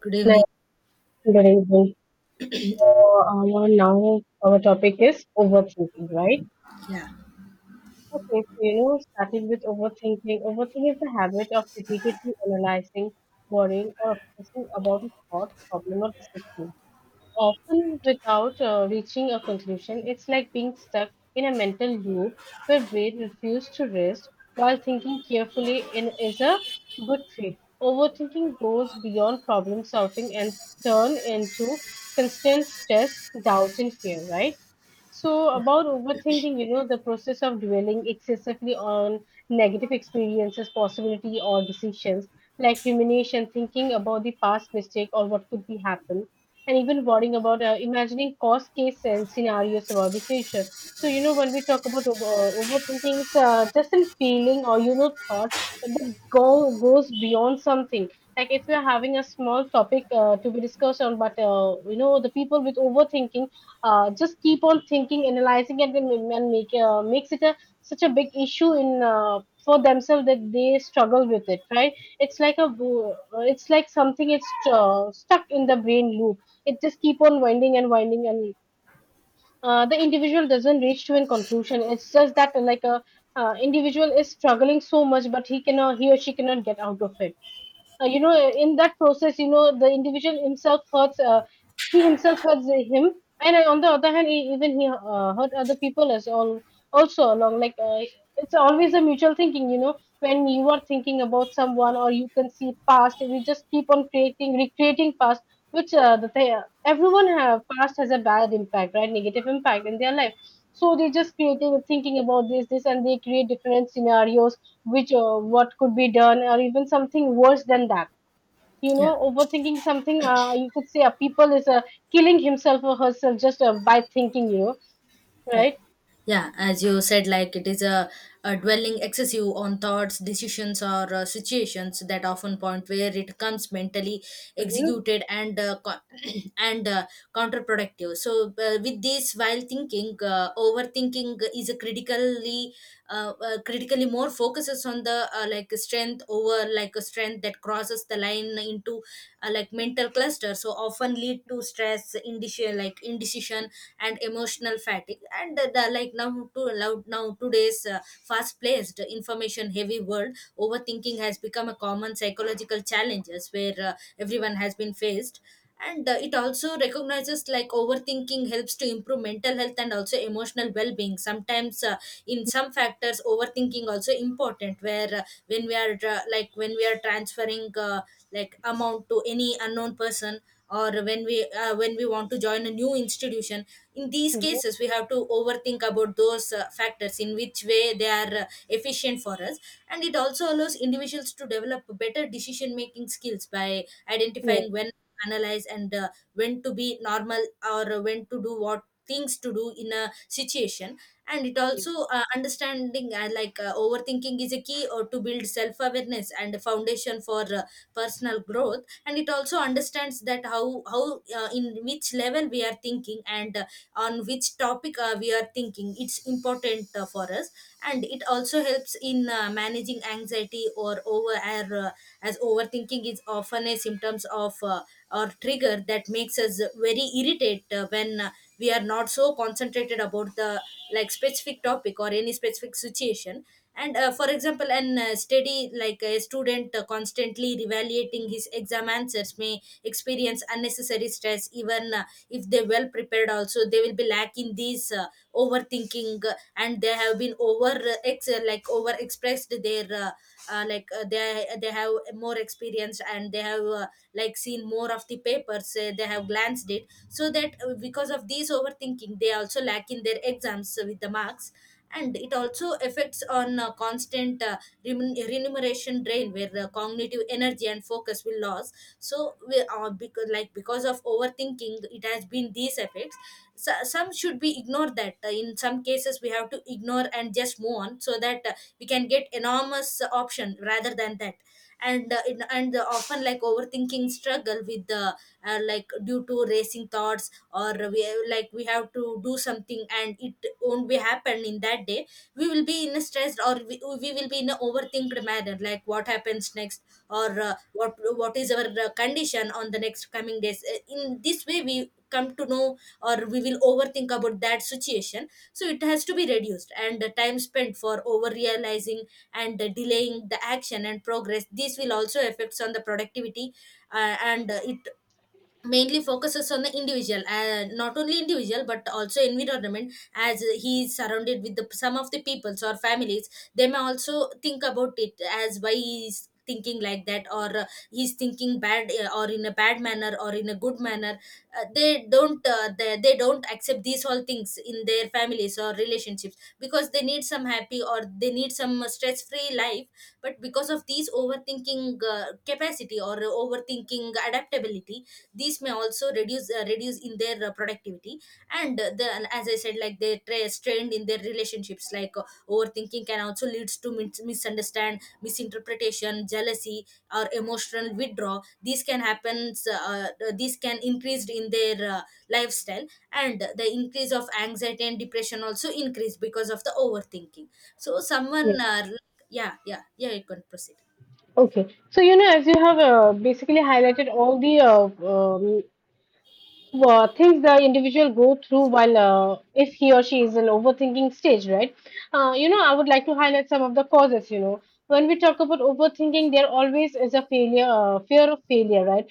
Good Hello, evening. good evening. So, our now our topic is overthinking, right? Yeah, Okay. So starting with overthinking. Overthinking is the habit of repeatedly analyzing, worrying, or obsessing about a thought, problem, or decision, often without reaching a conclusion. It's like being stuck in a mental loop where brain refuses to rest while thinking carefully in is a good fit. Overthinking goes beyond problem solving and turn into constant stress, doubt, and fear, right? So, about overthinking, the process of dwelling excessively on negative experiences, possibility, or decisions, like rumination, thinking about the past mistake or what could be happen, and even worrying about imagining cost case and scenarios about the future. So, you know, when we talk about overthinking, it's just a feeling or, you know, thought that goes beyond something. Like if you're having a small topic to be discussed on, but, you know, the people with overthinking just keep on thinking, analyzing, and, then and make makes it a such a big issue in for themselves that they struggle with it. Right? It's like a it's like something it's stuck in the brain loop. It just keep on winding and winding, and the individual doesn't reach to a conclusion. It's just that like a individual is struggling so much, but he or she cannot get out of it, you know, in that process, you know, the individual himself hurts, he himself hurts him, and on the other hand, even he hurt other people as all also along, like, it's always a mutual thinking, you know. When you are thinking about someone or you can see past, we just keep on creating recreating past, which, everyone have past, has a bad impact, right? Negative impact in their life. So they just creating thinking about this, and they create different scenarios which, what could be done or even something worse than that, you know. yeah, Overthinking something, you could say a people is, killing himself or herself just by thinking, you know. yeah. Right. Yeah, as you said, like it is a dwelling excessive on thoughts, decisions, or situations that often point where it comes mentally Mhm. executed and counterproductive. So, with this, while thinking, overthinking is a critically more focuses on the like strength over like a strength that crosses the line into like mental cluster, so often lead to stress indecision and emotional fatigue, and the like now today's fast paced information heavy world overthinking has become a common psychological challenges where everyone has been faced. And it also recognizes like overthinking helps to improve mental health and also emotional well-being sometimes. In some factors overthinking also important, where when we are transferring like amount to any unknown person, or when we want to join a new institution. In these Mhm. cases we have to overthink about those factors in which way they are efficient for us. And it also allows individuals to develop better decision making skills by Yeah. identifying when analyze and when to be normal or when to do what things to do in a situation. And it Yes, also understanding overthinking is a key or to build self awareness and a foundation for personal growth. And it also understands that how in which level we are thinking, and on which topic we are thinking it's important for us. And it also helps in managing anxiety or over or as overthinking is often a symptoms of or trigger that makes us very irritated when we are not so concentrated about the like specific topic or any specific situation. And for example an study like a student constantly reevaluating his exam answers may experience unnecessary stress, even if they well prepared also, they will be lacking these overthinking, and they have been over like over expressed their like they have more experience, and they have like seen more of the papers, they have glanced it, so that because of these overthinking they also lack in their exams with the marks. And it also affects on constant remuneration drain where the cognitive energy and focus will lose. So we, because because of overthinking it has been these effects. So, some should be ignored, that in some cases we have to ignore and just move on, so that we can get enormous option rather than that. And often like overthinking struggle with the like due to racing thoughts, or we like we have to do something and it won't be happen in that day. We will be in a stressed, or we will be in an overthinked manner, like what happens next, or what is our condition on the next coming days. In this way we come to know or we will overthink about that situation, so it has to be reduced, and the time spent for over realizing and delaying the action and progress, this will also affects on the productivity. And it mainly focuses on the individual, not only individual but also environment, as he is surrounded with the some of the peoples or families. They may also think about it as why he is thinking like that, or he's thinking bad, or in a bad manner or in a good manner. They don't they don't accept these all things in their families or relationships, because they need some happy or they need some stress free life. But because of these overthinking capacity or overthinking adaptability, these may also reduce, reduce in their productivity. And the and as I said, like they strained in their relationships, like overthinking can also leads to misunderstand misinterpretation, jealousy, or emotional withdrawal. These can happen, these can increased in their lifestyle, and the increase of anxiety and depression also increase because of the overthinking. So someone, yes. Yeah, yeah, yeah, you can proceed. Okay, so you know, as you have basically highlighted all the well, things the individual go through while, if he or she is in overthinking stage, right? You know, I would like to highlight some of the causes. You know, when we talk about overthinking, there always is a failure, fear of failure, right?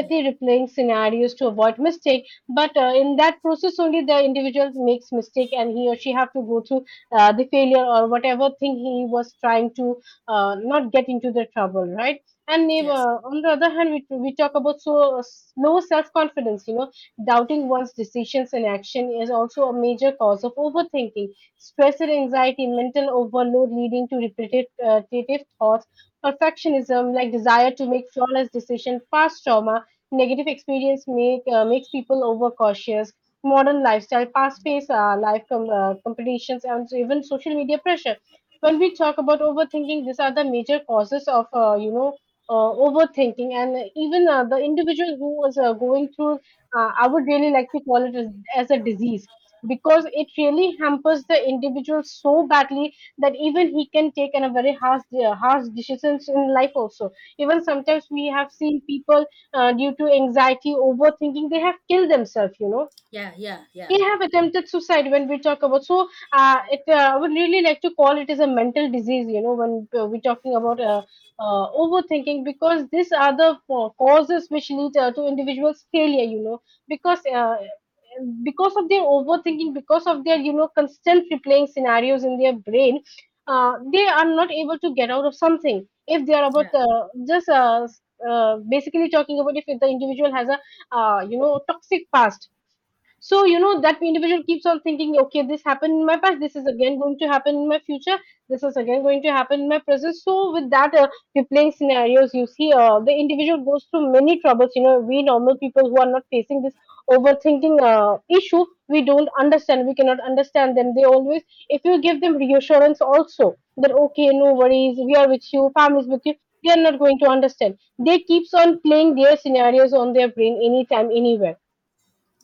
Yeah. replaying scenarios to avoid mistake, but in that process only the individual makes mistake, and he or she have to go through the failure or whatever thing he was trying to not get into the trouble, right? And if, Yes. on the other hand, we talk about so low self confidence. You know, doubting one's decisions and action is also a major cause of overthinking, stress and anxiety, mental overload leading to repetitive thoughts, perfectionism, like desire to make flawless decisions, past trauma, negative experience makes people overcautious. Modern lifestyle, past pace, life competitions, and even social media pressure. When we talk about overthinking, these are the major causes of, you know, overthinking. And even the individual who was going through, I would really like to call it as a disease, because it really hampers the individual so badly that even he can take in a very harsh decisions in life also. Even sometimes we have seen people, due to anxiety overthinking, they have killed themselves, you know. Yeah, yeah, yeah, He have attempted suicide. When we talk about so, it I would really like to call it as a mental disease, you know, when, we're talking about overthinking, because these are the causes which lead to individuals failure, you know. Because because of their overthinking, because of their, you know, constant replaying scenarios in their brain, they are not able to get out of something if they are about, yeah, just basically talking about, if the individual has a, you know, toxic past, so you know that individual keeps on thinking, okay, this happened in my past, this is again going to happen in my future, this is again going to happen in my present. So with that, replaying scenarios, you see, the individual goes through many troubles, you know. We normal people who are not facing this overthinking issue, we don't understand, we cannot understand them. They always, if you give them reassurance also, that okay, no worries, we are with you, families with you, they are not going to understand. They keeps on playing their scenarios on their brain anytime, anywhere.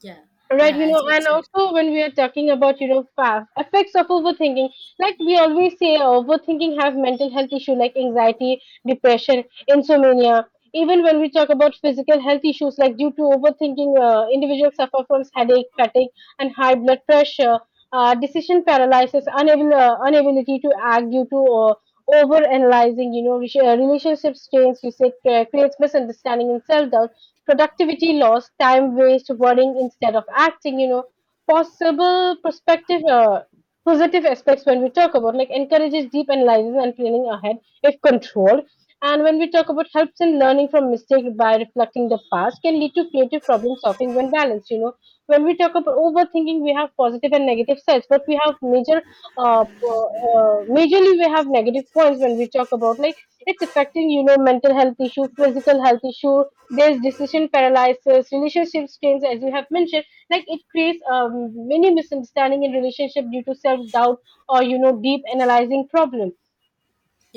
yeah, Right, yeah, you as know, you and said. also when we are talking about, you know, effects of overthinking, like we always say, overthinking have mental health issue like anxiety, depression, insomnia. Even when we talk about physical health issues, like due to overthinking, individuals suffer from headache, fatigue, and high blood pressure, decision paralysis, inability to act due to over analyzing, you know, relationship strains, you say, creates misunderstanding and self doubt, productivity loss, time waste, worrying instead of acting, you know, possible perspective, positive aspects. When we talk about, like, encourages deep analysis and planning ahead if controlled. And when we talk about helps in learning from mistakes by reflecting the past, can lead to creative problem solving when balanced, you know. When we talk about overthinking, we have positive and negative sides, but we have majorly we have negative points when we talk about, like it's affecting, you know, mental health issue, physical health issue, there's decision paralysis, relationship strains, as you have mentioned, like it creates many misunderstanding in relationship due to self-doubt or you know deep analyzing problem.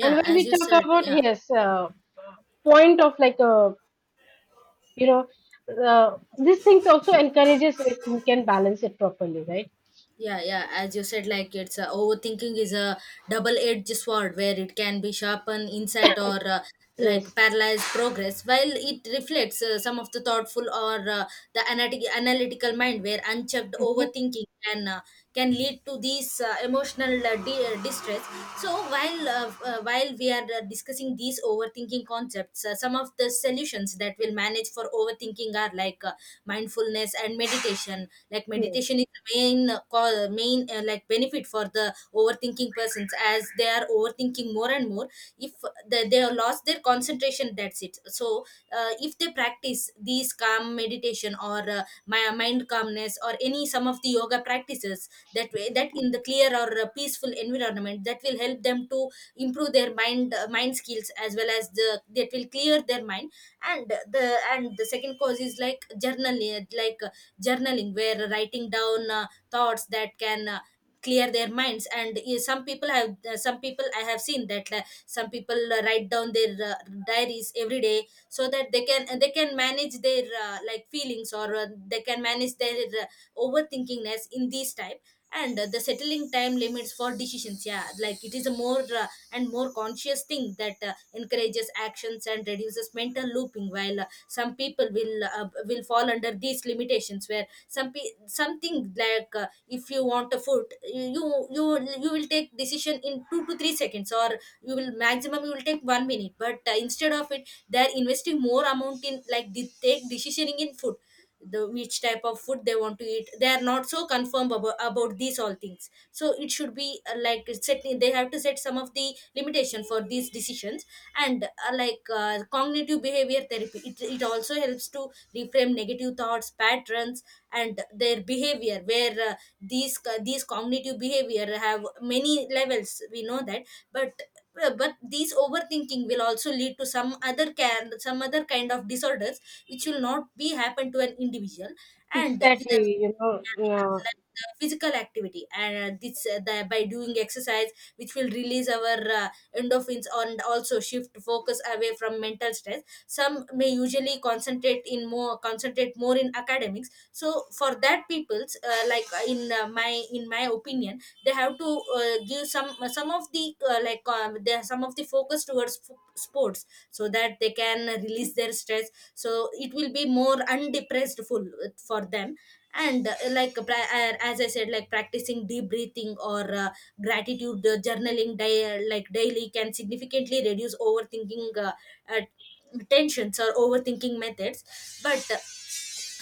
And when as we you talk said. about Yeah, yes, point of like, you know these things also encourages if you can balance it properly, right? yeah, yeah, as you said, like it's, overthinking is a double-edged sword where it can be sharpened insight, or like Yes. paralyzed progress, while it reflects some of the thoughtful or the analytical mind, where unchecked Mhm. overthinking can lead to these emotional distress. So while we are discussing these overthinking concepts, some of the solutions that will manage for overthinking are like, mindfulness and meditation. Like Yes. meditation is the main like benefit for the overthinking persons, as they are overthinking more and more. If they have lost their concentration, that's it. So if they practice these calm meditation or mind calmness or any some of the yoga practices, that way that in the clear or peaceful environment, that will help them to improve their mind skills, as well as the that will clear their mind. And the second cause is like journaling. Journaling, where writing down thoughts that can clear their minds. And some people I have seen that, some people write down their diaries every day, so that they can manage their like feelings or they can manage their overthinkingness in these type. And the settling time limits for decisions, yeah, like it is a more and more conscious thing that encourages actions and reduces mental looping. While some people will fall under these limitations, where something like, if you want a food, you will take decision in 2 to 3 seconds, or you will maximum you will take 1 minute, but instead of it they're investing more amount in, like they take decisioning in food, the which type of food they want to eat, they are not so confirmed about these all things. So it should be like set, they have to set some of the limitation for these decisions. And cognitive behavior therapy, it also helps to reframe negative thoughts patterns and their behavior, where these cognitive behavior have many levels, we know that. But but these overthinking will also lead to some other kind of disorders which will not be happen to an individual. and this is- Exactly. You know, like the physical activity and this, by doing exercise which will release our endorphins and also shift focus away from mental stress. Some may usually concentrate more in academics. So for that people's, like in my opinion, they have to give some of the like they some of the focus towards sports, so that they can release their stress, so it will be more undepressed full for them. And like as I said, like practicing deep breathing or gratitude journaling, like daily, can significantly reduce overthinking uh, tensions or overthinking methods. But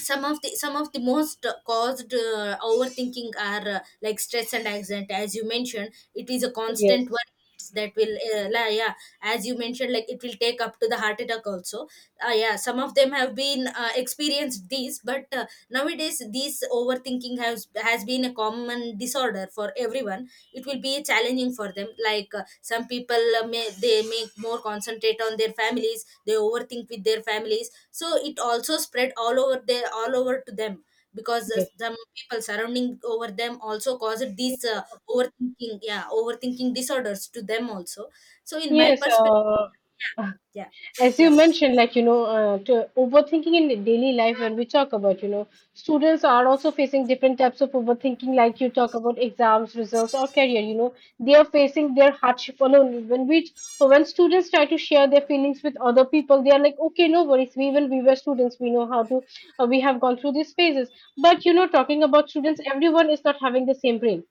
some of the most caused overthinking are like stress and anxiety, as you mentioned. It is a constant yes, worry that will yeah, as you mentioned, like it will take up to the heart attack also. Yeah, some of them have been experienced these, but nowadays this overthinking has been a common disorder for everyone. It will be challenging for them, like some people may they make more concentrate on their families, they overthink with their families, so it also spread all over there, all over to them, because yes, some people surrounding over them also caused these, overthinking, yeah, overthinking disorders to them also. So in my yes. perspective, yeah, As you yeah, mentioned, like, you know, to overthinking in the daily life, when we talk about, you know, students are also facing different types of overthinking, like you talk about exams results or career, you know, they are facing their hardship alone. When we, when students try to share their feelings with other people, they are like, okay, no worries, we, even we were students, we know how to, we have gone through these phases. But you know, talking about students, everyone is not having the same brain.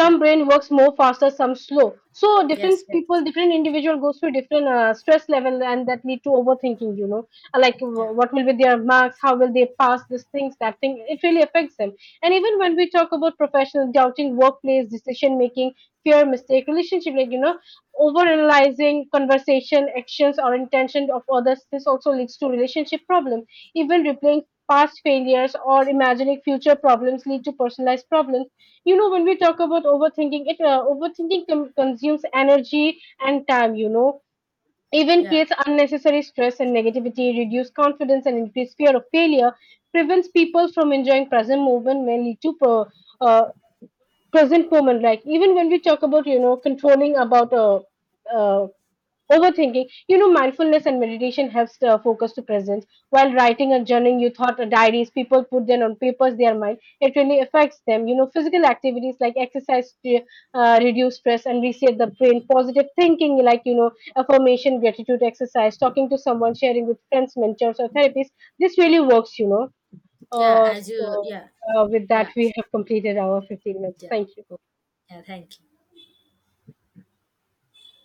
yeah. brain works more faster, some slow. So different Yes, yes. people, different individual goes through different stress level, and that lead to overthinking, you know. Uh, like Yeah, wh- what will be their marks, how will they pass, these things, that thing it really affects them. And even when we talk about professional doubting workplace decision making, fear mistake relationship, like, you know, overanalyzing conversation, actions or intention of others, this also leads to relationship problem. Even replaying past failures or imagining future problems lead to personalized problems, you know. When we talk about overthinking, it overthinking consumes energy and time, you know, even yeah, creates unnecessary stress and negativity, reduce confidence and increase fear of failure, prevents people from enjoying present moment, may lead to uh, present moment. Like, even when we talk about, you know, controlling about, uh, overthinking. You know, mindfulness and meditation helps the focus to presence. While writing and journaling, you thought or diaries, people put them on papers, their mind. It really affects them. You know, physical activities like exercise to reduce stress and reset the brain. Positive thinking, like, you know, affirmation, gratitude exercise, talking to someone, sharing with friends, mentors, or therapists. This really works, you know. yeah, Uh, as you, so, yeah. uh, with that, Yeah, we have completed our 15 minutes. yeah. Thank you. Oh, yeah, thank you.